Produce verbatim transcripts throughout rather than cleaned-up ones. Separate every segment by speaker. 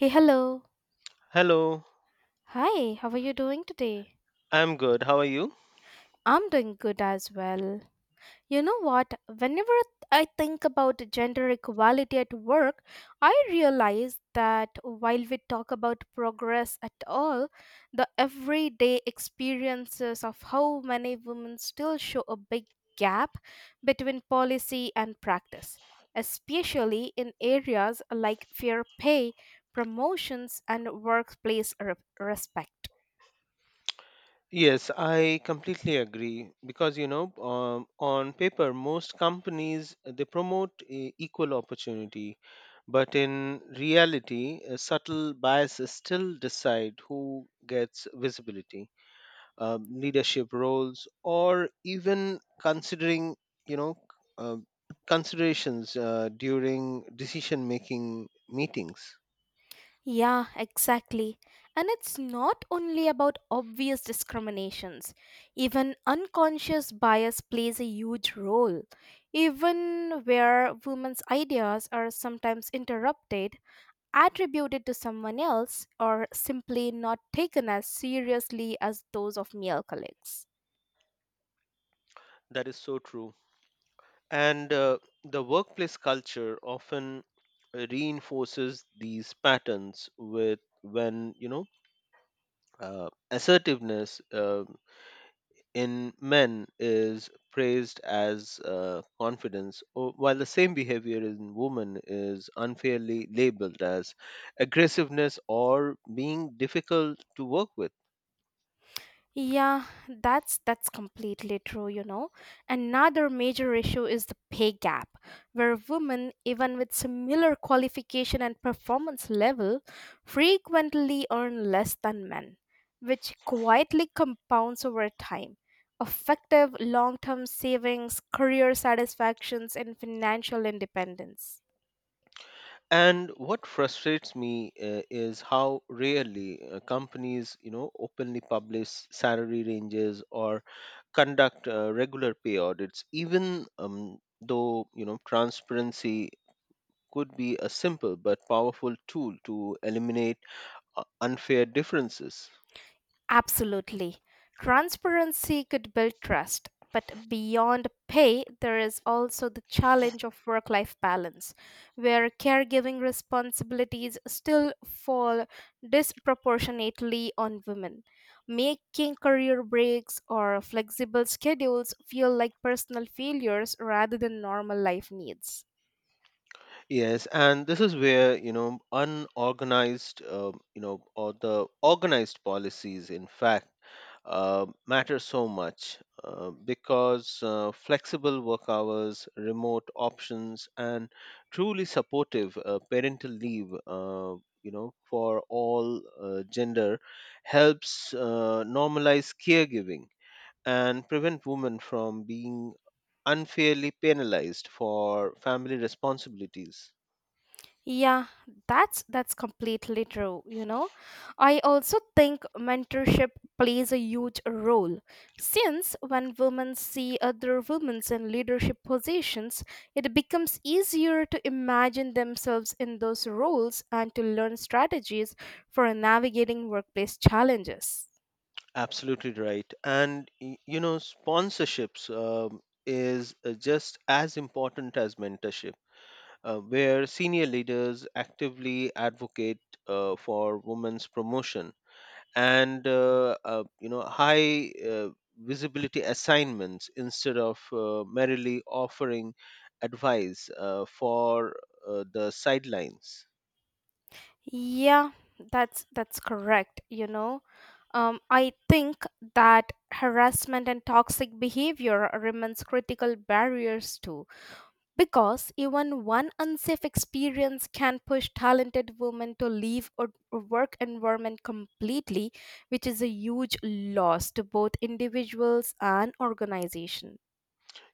Speaker 1: Hey, hello.
Speaker 2: Hello,
Speaker 1: Hi, how are you doing today?
Speaker 2: I'm good. How are you?
Speaker 1: I'm doing good as well. You know what? Whenever I think about gender equality at work, I realize that while we talk about progress at all, the everyday experiences of how many women still show a big gap between policy and practice, especially in areas like fair pay, promotions, and workplace re- respect.
Speaker 2: Yes, I completely agree because you know, um, on paper, most companies uh, they promote e- equal opportunity, but in reality, uh, subtle biases still decide who gets visibility, um, leadership roles, or even considering you know uh, considerations uh, during decision-making meetings.
Speaker 1: Yeah, exactly. And it's not only about obvious discriminations. Even unconscious bias plays a huge role. Even where women's ideas are sometimes interrupted, attributed to someone else, or simply not taken as seriously as those of male colleagues.
Speaker 2: That is so true. And uh, the workplace culture often reinforces these patterns with when you know uh, assertiveness uh, in men is praised as uh, confidence, or while the same behavior in women is unfairly labeled as aggressiveness or being difficult to work with.
Speaker 1: Yeah, that's that's completely true, you know. Another major issue is the pay gap, where women, even with similar qualification and performance level, frequently earn less than men, which quietly compounds over time. Effective long-term savings, career satisfactions, and financial independence.
Speaker 2: And what frustrates me uh, is how rarely uh, companies, you know, openly publish salary ranges or conduct uh, regular pay audits, even um, though you know transparency could be a simple but powerful tool to eliminate uh, unfair differences.
Speaker 1: Absolutely. Transparency could build trust, but beyond pay, there is also the challenge of work life balance, where caregiving responsibilities still fall disproportionately on women, making career breaks or flexible schedules feel like personal failures rather than normal life needs.
Speaker 2: Yes, and this is where, you know, unorganized, um, you know, or the organized policies, in fact, uh, matter so much uh, because uh, flexible work hours, remote options, and truly supportive uh, parental leave, uh, you know, for all uh, gender helps uh, normalize caregiving and prevent women from being unfairly penalized for family responsibilities.
Speaker 1: Yeah, that's that's completely true, you know. I also think mentorship plays a huge role since when women see other women in leadership positions, it becomes easier to imagine themselves in those roles and to learn strategies for navigating workplace challenges.
Speaker 2: Absolutely right. And y- you know, sponsorships um, is uh, just as important as mentorship, uh, where senior leaders actively advocate uh, for women's promotion and uh, uh, you know high uh, visibility assignments instead of uh, merely offering advice uh, for uh, the sidelines.
Speaker 1: Yeah, that's that's correct, you know. Um, I think that harassment and toxic behavior remains critical barriers too, because even one unsafe experience can push talented women to leave a a work environment completely, which is a huge loss to both individuals and organizations.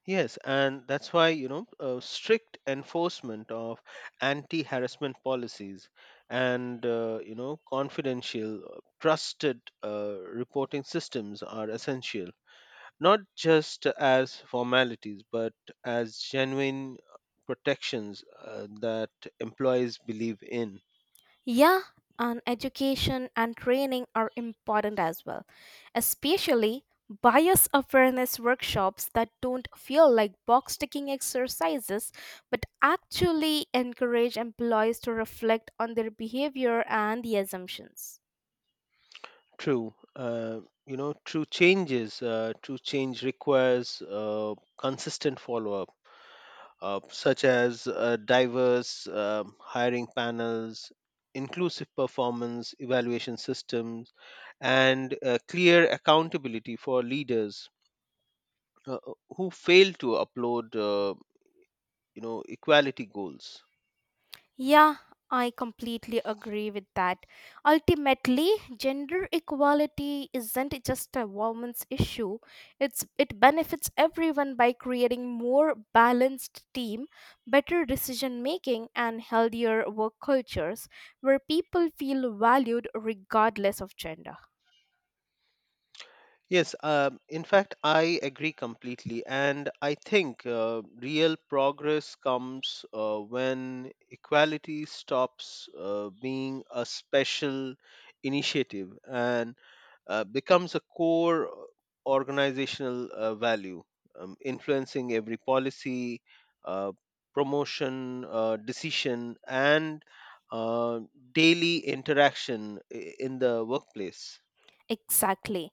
Speaker 2: Yes, and that's why, you know, uh, strict enforcement of anti harassment policies and, uh, you know, confidential, uh, trusted uh, reporting systems are essential, not just as formalities, but as genuine uh, protections uh, that employees believe in.
Speaker 1: Yeah, and education and training are important as well, especially bias awareness workshops that don't feel like box ticking exercises but actually encourage employees to reflect on their behavior and the assumptions.
Speaker 2: True. Uh, you know, true changes, uh, true change requires uh, consistent follow up uh, such as uh, diverse um hiring panels, inclusive performance evaluation systems, and uh, clear accountability for leaders uh, who fail to upload, uh, you know, equality goals.
Speaker 1: Yeah, I completely agree with that. Ultimately, gender equality isn't just a woman's issue. It's it benefits everyone by creating more balanced team, better decision making and healthier work cultures where people feel valued regardless of gender.
Speaker 2: Yes, um, in fact, I agree completely. And I think uh, real progress comes uh, when equality stops uh, being a special initiative and uh, becomes a core uh, organizational uh, value, um, influencing every policy, uh, promotion, uh, decision, and uh, daily interaction i- in the workplace.
Speaker 1: Exactly.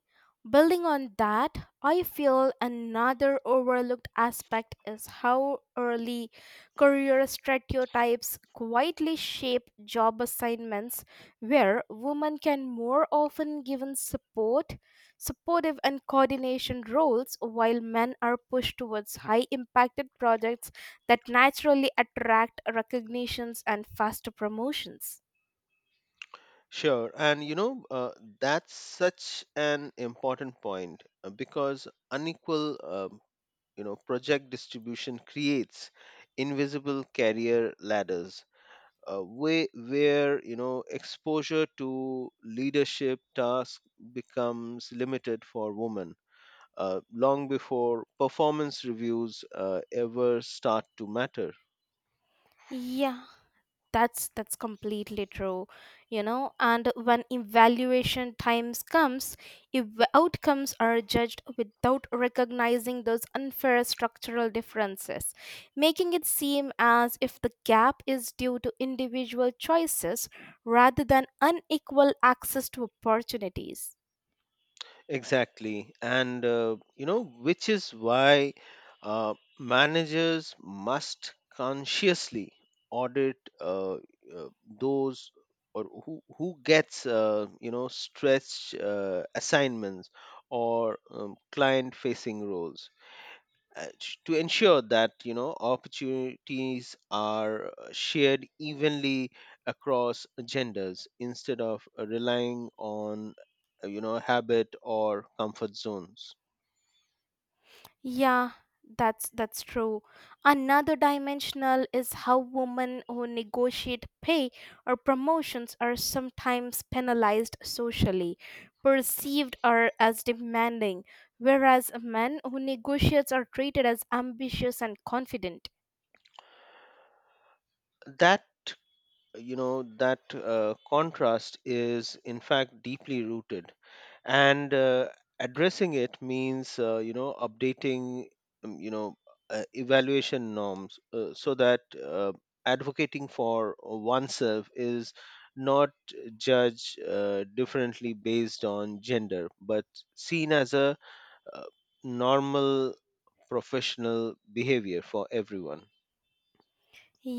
Speaker 1: Building on that, I feel another overlooked aspect is how early career stereotypes quietly shape job assignments where women can more often given support, supportive and coordination roles while men are pushed towards high impacted projects that naturally attract recognitions and faster promotions.
Speaker 2: Sure, and you know, uh, that's such an important point uh, because unequal, um, you know, project distribution creates invisible career ladders uh, way, where, you know, exposure to leadership tasks becomes limited for women uh, long before performance reviews uh, ever start to matter.
Speaker 1: Yeah, that's that's completely true, you know, and when evaluation times comes, if outcomes are judged without recognizing those unfair structural differences, making it seem as if the gap is due to individual choices rather than unequal access to opportunities.
Speaker 2: Exactly. And, uh, you know, which is why uh, managers must consciously audit uh, uh, those or who, who gets, uh, you know, stretch uh, assignments or um, client facing roles uh, sh- to ensure that you know opportunities are uh, shared evenly across genders instead of uh, relying on uh, you know habit or comfort zones.
Speaker 1: Yeah, that's that's true. Another dimensional is how women who negotiate pay or promotions are sometimes penalized socially, perceived or as demanding, whereas men who negotiate are treated as ambitious and confident.
Speaker 2: That you know that uh, contrast is in fact deeply rooted, and uh, addressing it means uh, you know updating um, you know uh, evaluation norms uh, so that uh, advocating for oneself is not judged uh, differently based on gender but seen as a uh, normal professional behavior for everyone.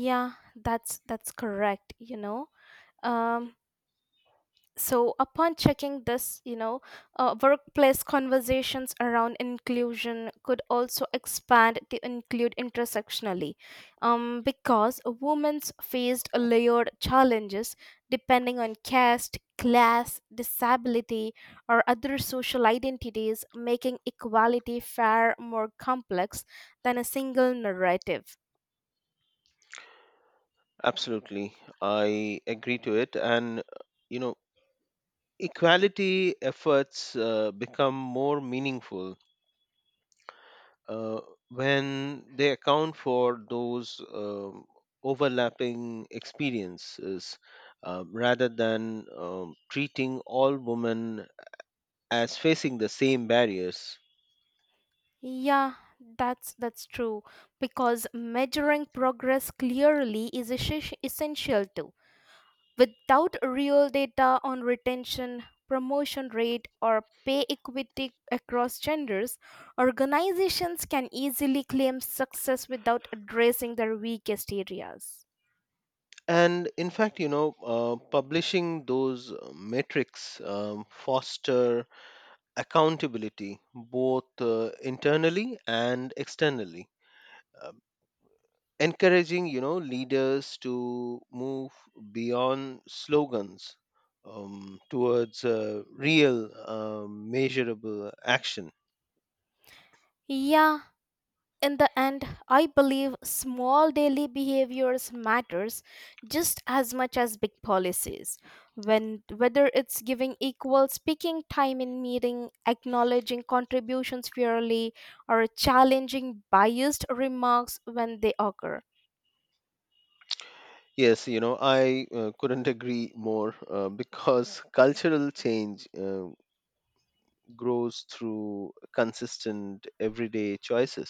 Speaker 1: Yeah, that's that's correct, you know. Um so, upon checking this, you know, uh, workplace conversations around inclusion could also expand to include intersectionally, um, because women's faced layered challenges depending on caste, class, disability, or other social identities, making equality far more complex than a single narrative.
Speaker 2: Absolutely, I agree to it, and uh, you know equality efforts uh, become more meaningful uh, when they account for those um, overlapping experiences uh, rather than um, treating all women as facing the same barriers.
Speaker 1: Yeah, that's that's true, because measuring progress clearly is esses- essential too. Without real data on retention, promotion rate or pay equity across genders, organizations can easily claim success without addressing their weakest areas.
Speaker 2: And in fact, you know, uh, publishing those uh, metrics um, foster accountability both uh, internally and externally. Uh, Encouraging you know leaders to move beyond slogans um, towards uh, real um, measurable action.
Speaker 1: Yeah, in the end, I believe small daily behaviors matters just as much as big policies, when whether it's giving equal speaking time in meeting, acknowledging contributions fairly, or challenging biased remarks when they occur.
Speaker 2: Yes, you know I uh, couldn't agree more uh, because cultural change uh, grows through consistent everyday choices.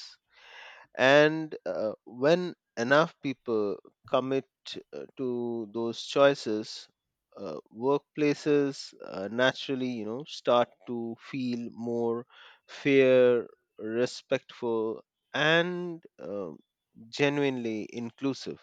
Speaker 2: And uh, when enough people commit uh, to those choices, uh, workplaces uh, naturally, you know, start to feel more fair, respectful, and um genuinely inclusive.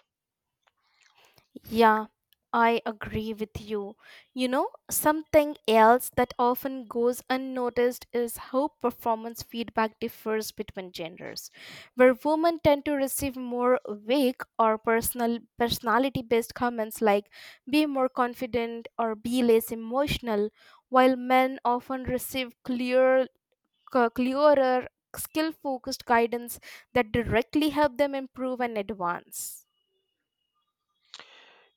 Speaker 1: Yeah, I agree with you. You know, something else that often goes unnoticed is how performance feedback differs between genders, where women tend to receive more vague or personal personality based comments like be more confident or be less emotional, while men often receive clear c- clearer skill focused guidance that directly help them improve and advance.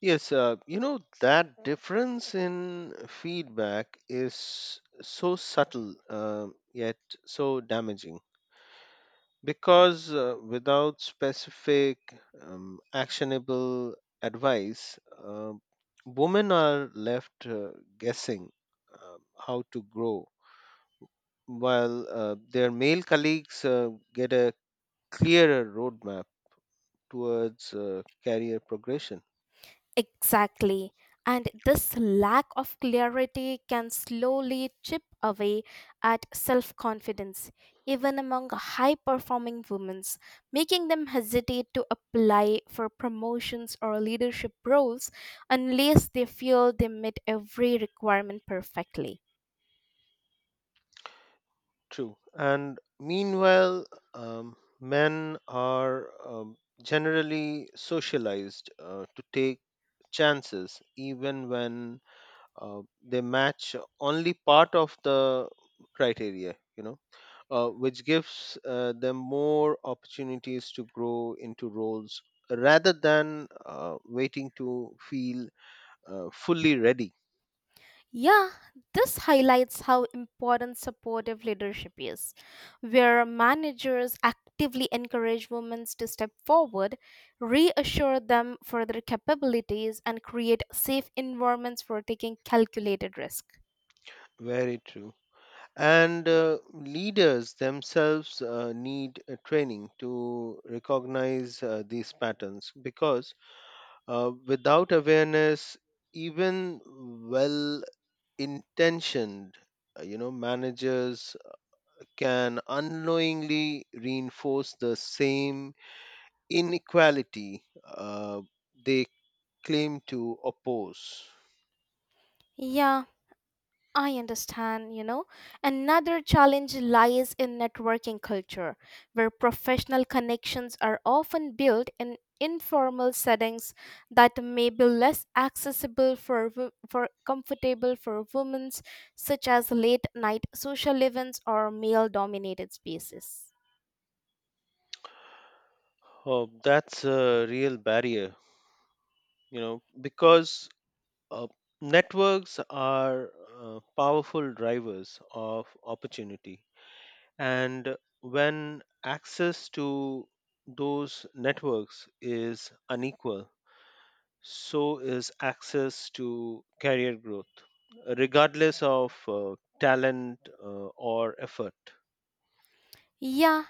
Speaker 2: Yes, uh, you know, that difference in feedback is so subtle, uh, yet so damaging because uh, without specific um, actionable advice uh, women are left uh, guessing uh, how to grow while uh, their male colleagues uh, get a clearer roadmap towards uh, career progression.
Speaker 1: Exactly. And this lack of clarity can slowly chip away at self confidence, even among high performing women, making them hesitate to apply for promotions or leadership roles unless they feel they meet every requirement perfectly.
Speaker 2: True, and meanwhile um, men are um, generally socialized uh, to take chances even when uh, they match only part of the criteria, you know uh, which gives uh, them more opportunities to grow into roles rather than uh, waiting to feel uh, fully ready.
Speaker 1: Yeah, this highlights how important supportive leadership is, where managers actively encourage women to step forward, reassure them for their capabilities, and create safe environments for taking calculated risk.
Speaker 2: Very true. And uh, leaders themselves uh, need uh, training to recognize uh, these patterns, because uh, without awareness, even well intentioned uh, you know managers can unknowingly reinforce the same inequality uh, they claim to oppose.
Speaker 1: Yeah, I understand, you know. Another challenge lies in networking culture, where professional connections are often built in informal settings that may be less accessible for wo- for comfortable for women, such as late night social events or male dominated spaces.
Speaker 2: Oh, that's a real barrier, you know because uh, networks are uh, powerful drivers of opportunity, and when access to those networks is unequal, so is access to career growth, regardless of uh, talent uh, or effort.
Speaker 1: Yeah,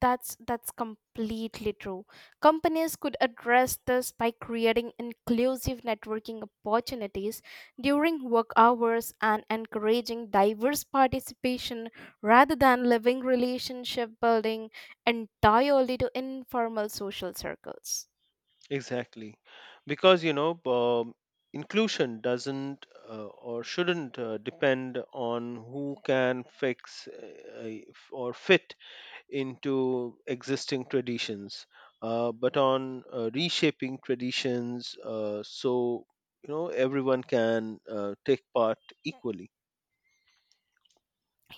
Speaker 1: that's that's completely true. Companies could address this by creating inclusive networking opportunities during work hours and encouraging diverse participation rather than living relationship building entirely to informal social circles.
Speaker 2: Exactly. Because, you know, um, inclusion doesn't uh, or shouldn't uh, depend on who can fix uh, if- or fit into existing traditions, uh, but on uh, reshaping traditions uh, so, you know, everyone can uh, take part equally.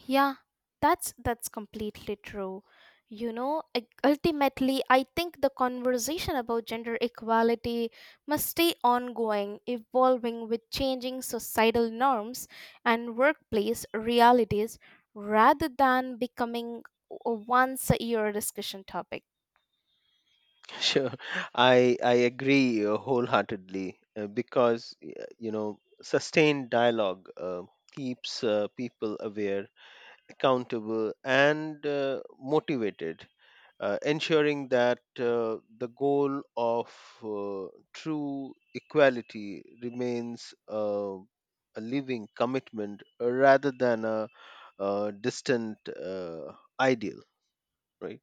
Speaker 1: Yeah, that's that's completely true. You know, ul- ultimately, I think the conversation about gender equality must stay ongoing, evolving with changing societal norms and workplace realities rather than becoming a once a year discussion topic.
Speaker 2: Sure, I I agree uh, wholeheartedly uh, because y- you know sustained dialogue uh, keeps uh, people aware, accountable, and uh, motivated, uh, ensuring that uh, the goal of uh, true equality remains uh, a living commitment uh, rather than a, uh distant uh, ideal, right?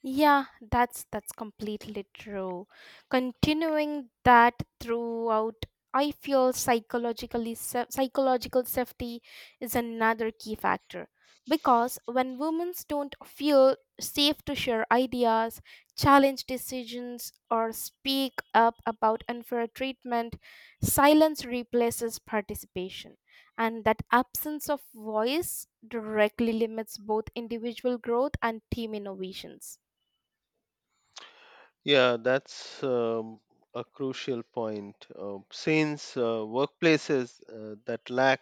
Speaker 1: Yeah, that's that's completely true. Continuing that throughout, I feel psychologically sa- psychological safety is another key factor because when women don't feel safe to share ideas, challenge decisions, or speak up about unfair treatment, silence replaces participation, and that absence of voice directly limits both individual growth and team innovations.
Speaker 2: Yeah, that's um, a crucial point. Uh, since uh, workplaces uh, that lack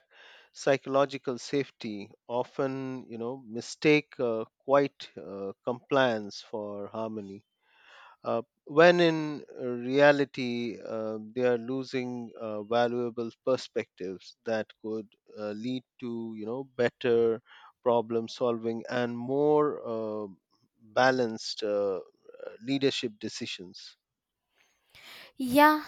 Speaker 2: psychological safety often, you know, mistake uh, quiet uh, compliance for harmony uh, when in uh, reality uh, they are losing uh, valuable perspectives that could uh, lead to you know better problem solving and more uh, balanced uh, leadership decisions.
Speaker 1: Yeah,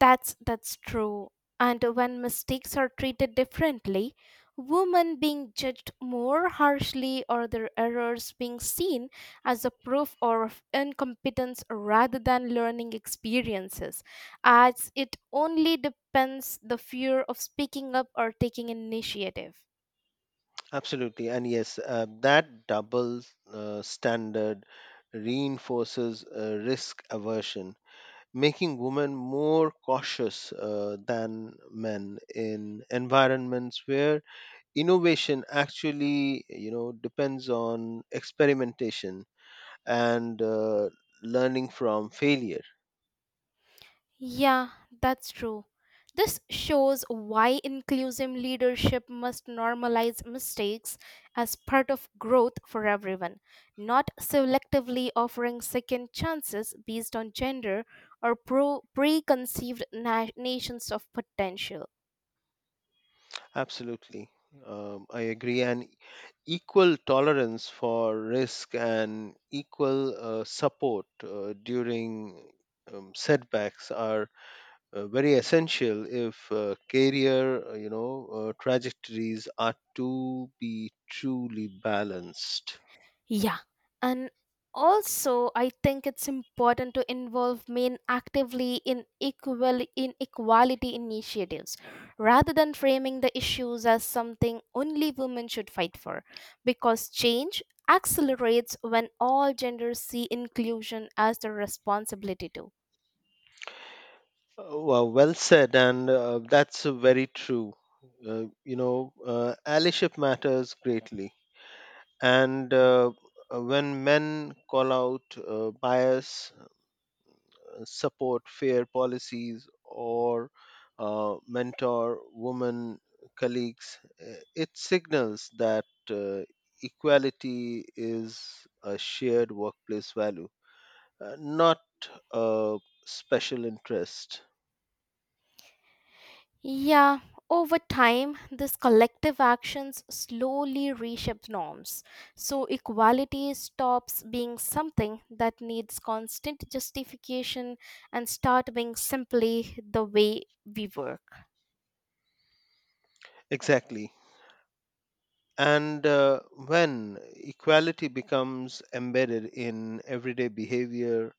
Speaker 1: That's that's true. And when mistakes are treated differently, women being judged more harshly or their errors being seen as a proof of incompetence rather than learning experiences, as it only depends the fear of speaking up or taking initiative.
Speaker 2: Absolutely. And yes, uh, that double uh, standard reinforces uh, risk aversion, making women more cautious uh, than men in environments where innovation actually, you know depends on experimentation and uh, learning from failure.
Speaker 1: Yeah, that's true. This shows why inclusive leadership must normalize mistakes as part of growth for everyone, not selectively offering second chances based on gender or pro- preconceived na- nations of potential.
Speaker 2: Absolutely. um, I agree, and equal tolerance for risk and equal uh, support uh, during um, setbacks are uh, very essential if uh, career uh, you know uh, trajectories are to be truly balanced.
Speaker 1: Yeah. And also I think it's important to involve men actively in equal inequality initiatives rather than framing the issues as something only women should fight for, because change accelerates when all genders see inclusion as their responsibility too.
Speaker 2: Uh, Well, well said, and uh, that's uh, very true. Uh, you know, uh, allyship matters greatly, and uh, uh, when men call out uh, bias, uh, support fair policies, or uh, mentor women colleagues, uh, it signals that uh, equality is a shared workplace value, uh, not a special interest.
Speaker 1: Yeah, over time, these collective actions slowly reshape norms. So, equality stops being something that needs constant justification and start being simply the way we work.
Speaker 2: Exactly. And uh, when equality becomes embedded in everyday behavior,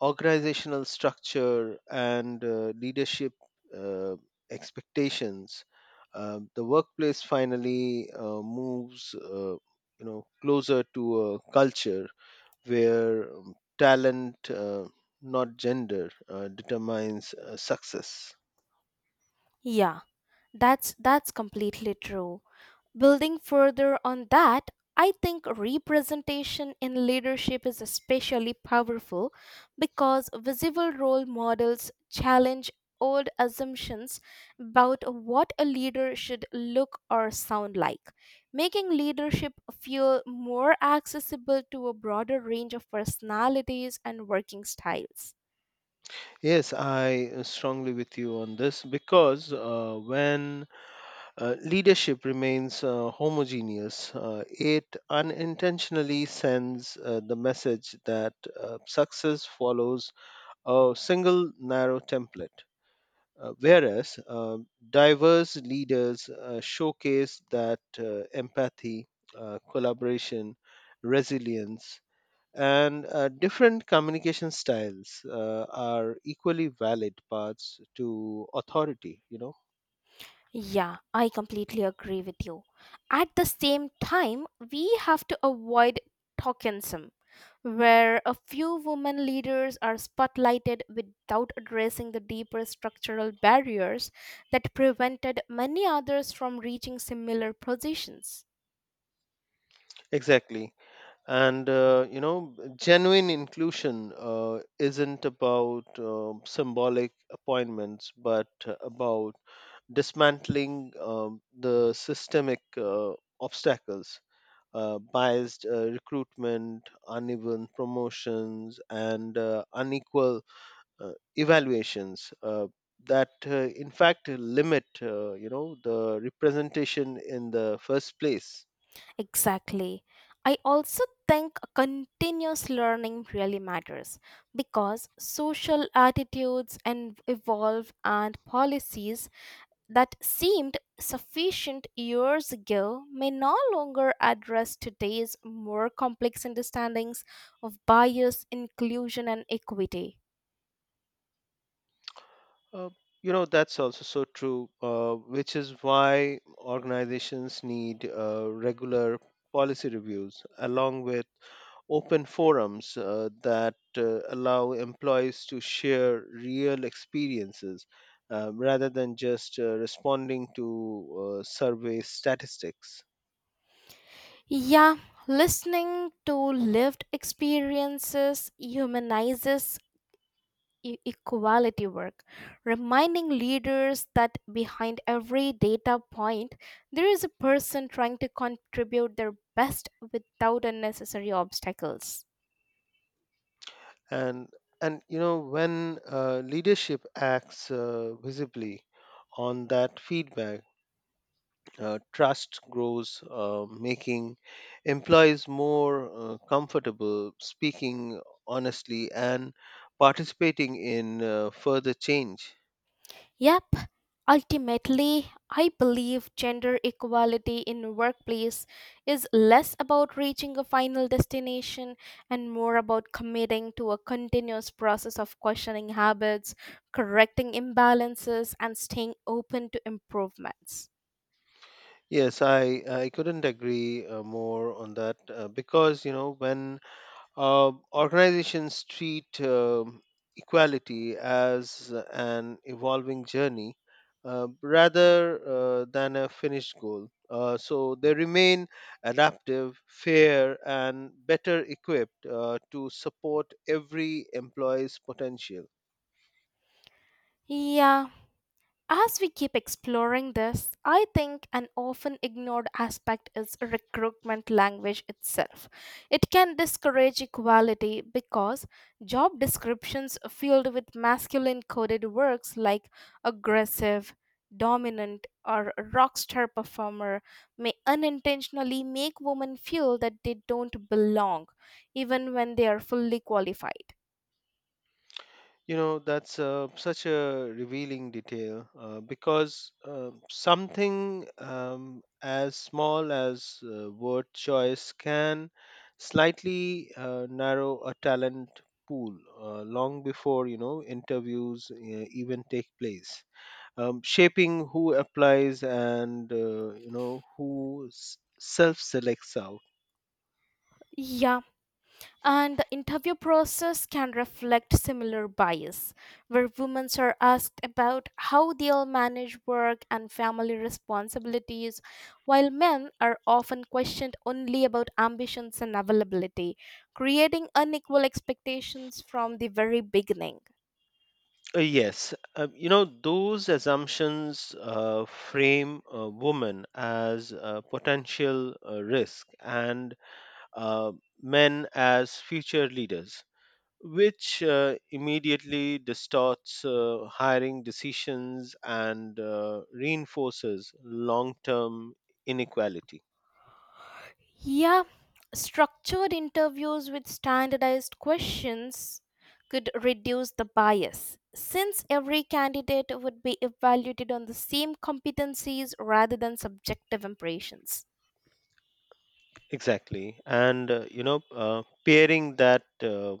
Speaker 2: organizational structure, and uh, leadership uh, expectations, uh, the workplace finally uh, moves, uh, you know, closer to a culture where um, talent, uh, not gender, uh, determines uh, success.
Speaker 1: Yeah, that's that's completely true. Building further on that, I think representation in leadership is especially powerful because visible role models challenge old assumptions about what a leader should look or sound like, making leadership feel more accessible to a broader range of personalities and working styles.
Speaker 2: Yes, I uh, strongly with you on this because uh, when Uh, leadership remains uh, homogeneous. Uh, it unintentionally sends uh, the message that uh, success follows a single narrow template, uh, whereas uh, diverse leaders uh, showcase that uh, empathy, uh, collaboration, resilience, and uh, different communication styles uh, are equally valid paths to authority, you know.
Speaker 1: Yeah, I completely agree with you. At the same time, we have to avoid tokenism, where a few women leaders are spotlighted without addressing the deeper structural barriers that prevented many others from reaching similar positions.
Speaker 2: Exactly. And uh, you know genuine inclusion uh, isn't about um symbolic appointments but uh, about dismantling um, the systemic uh, obstacles, uh, biased uh, recruitment, uneven promotions, and uh, unequal uh, evaluations uh, that uh, in fact limit uh, you know the representation in the first place.
Speaker 1: Exactly. I also think continuous learning really matters because social attitudes and evolve and policies that seemed sufficient years ago may no longer address today's more complex understandings of bias, inclusion, and equity.
Speaker 2: Uh, you know, that's also so true, uh, which is why organizations need uh, regular policy reviews along with open forums uh, that uh, allow employees to share real experiences uh, rather than just uh, responding to uh, survey statistics.
Speaker 1: Yeah, listening to lived experiences humanizes e- equality work, reminding leaders that behind every data point, there is a person trying to contribute their best without unnecessary obstacles.
Speaker 2: And and you know when uh, leadership acts uh, visibly on that feedback, uh, trust grows, uh, making employees more uh, comfortable speaking honestly and participating in uh, further change.
Speaker 1: Yep, ultimately, I believe gender equality in workplace is less about reaching a final destination and more about committing to a continuous process of questioning habits, correcting imbalances, and staying open to improvements.
Speaker 2: Yes, I, I couldn't agree uh, more on that uh, because, you know, when Uh, organizations treat um equality as an evolving journey uh, rather uh, than a finished goal. Uh, so they remain adaptive, fair, and better equipped uh, to support every employee's potential.
Speaker 1: Yeah, as we keep exploring this, I think an often ignored aspect is recruitment language itself. It can discourage equality because job descriptions filled with masculine coded words like aggressive, dominant, or rock star performer may unintentionally make women feel that they don't belong, even when they are fully qualified.
Speaker 2: You know, that's uh, such a revealing detail uh, because uh, something um, as small as uh, word choice can slightly uh, narrow a talent pool uh, long before, you know, interviews uh, even take place, um, shaping who applies and, uh, you know, who s- self selects out.
Speaker 1: Yeah, and the interview process can reflect similar bias, where women are asked about how they'll manage work and family responsibilities, while men are often questioned only about ambitions and availability, creating unequal expectations from the very beginning.
Speaker 2: Uh, yes, uh, you know, those assumptions uh, frame a woman as a potential uh, risk, and uh, men as future leaders, which uh, immediately distorts uh, hiring decisions and uh, reinforces long term inequality.
Speaker 1: Yeah, structured interviews with standardized questions could reduce the bias, since every candidate would be evaluated on the same competencies rather than subjective impressions.
Speaker 2: Exactly. And, uh, you know, uh, pairing that uh,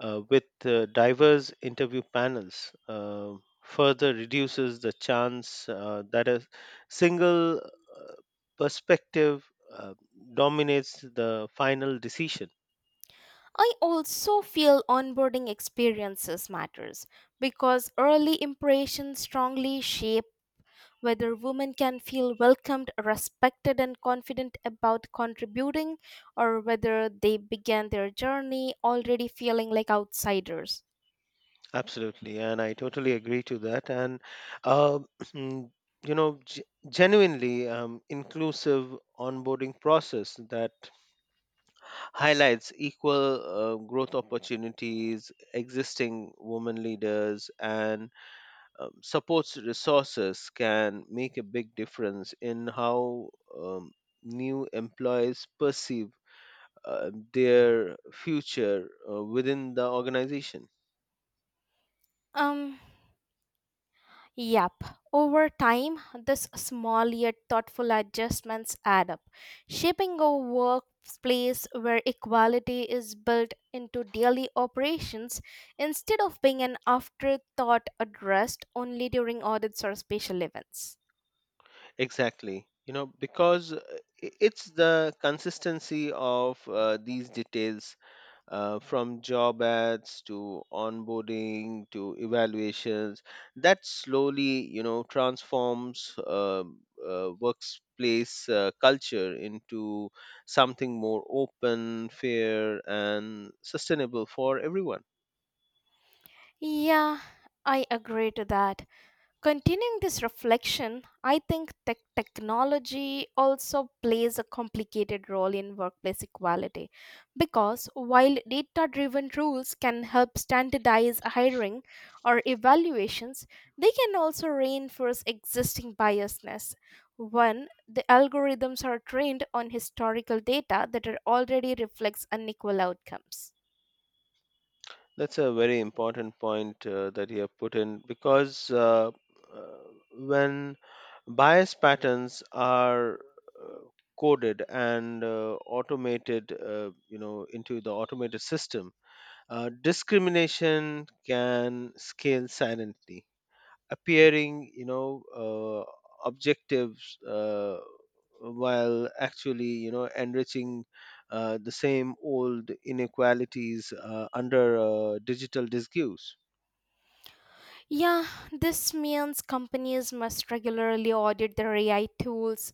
Speaker 2: uh, with uh, diverse interview panels uh, further reduces the chance uh, that a single uh, perspective uh, dominates the final decision.
Speaker 1: I also feel onboarding experiences matters because early impressions strongly shape whether women can feel welcomed, respected and confident about contributing or whether they began their journey already feeling like outsiders.
Speaker 2: Absolutely, and I totally agree to that. And uh, you know g- genuinely um, inclusive onboarding process that highlights equal uh, growth opportunities, existing women leaders, and um, supports resources can make a big difference in how um, new employees perceive uh, their future uh, within the organization.
Speaker 1: Um Yep. Over time, this small yet thoughtful adjustments add up, shaping a workplace where equality is built into daily operations instead of being an afterthought addressed only during audits or special events.
Speaker 2: Exactly. You know, because uh, i- it's the consistency of uh, these details uh, from job ads to onboarding to evaluations that slowly, you know transforms uh, uh, workplace uh, culture into something more open, fair, and sustainable for everyone.
Speaker 1: Yeah, I agree to that. Continuing this reflection, I think tech technology also plays a complicated role in workplace equality because while data driven rules can help standardize hiring or evaluations, they can also reinforce existing biasness when the algorithms are trained on historical data that are already reflects unequal outcomes.
Speaker 2: That's a very important point uh, that you have put in because uh, uh, when bias patterns are uh, coded and uh, automated, uh, you know, into the automated system, uh, discrimination can scale silently, appearing you know uh, objectives, uh, while actually, you know enriching uh, the same old inequalities uh, under uh, digital disguise.
Speaker 1: Yeah, this means companies must regularly audit their A I tools,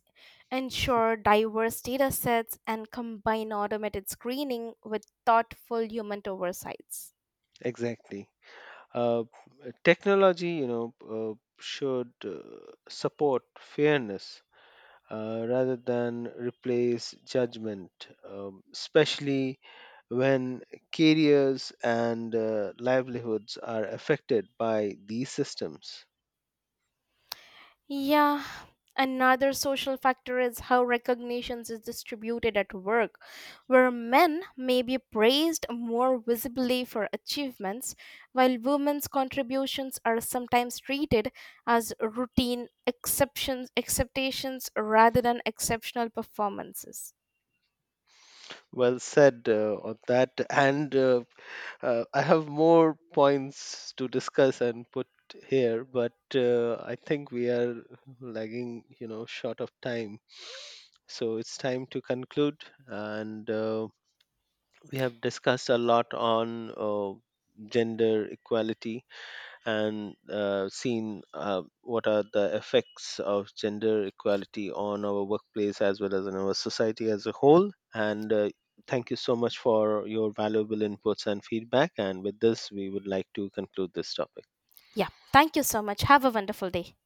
Speaker 1: ensure diverse data sets, and combine automated screening with thoughtful human oversights.
Speaker 2: Exactly. uh, Technology, you know uh, should uh, support fairness uh, rather than replace judgment, um, especially when careers and uh, livelihoods are affected by these systems.
Speaker 1: Yeah, another social factor is how recognitions is distributed at work, where men may be praised more visibly for achievements, while women's contributions are sometimes treated as routine exceptions, acceptations rather than exceptional performances.
Speaker 2: Well said uh, on that. And uh, uh, I have more points to discuss and put here, but uh, I think we are lagging, you know, short of time. So it's time to conclude and. Uh, we have discussed a lot on uh, gender equality and uh, seen uh, what are the effects of gender equality on our workplace as well as on our society as a whole. And uh, thank you so much for your valuable inputs and feedback. And with this, we would like to conclude this topic.
Speaker 1: Yeah, thank you so much. Have a wonderful day.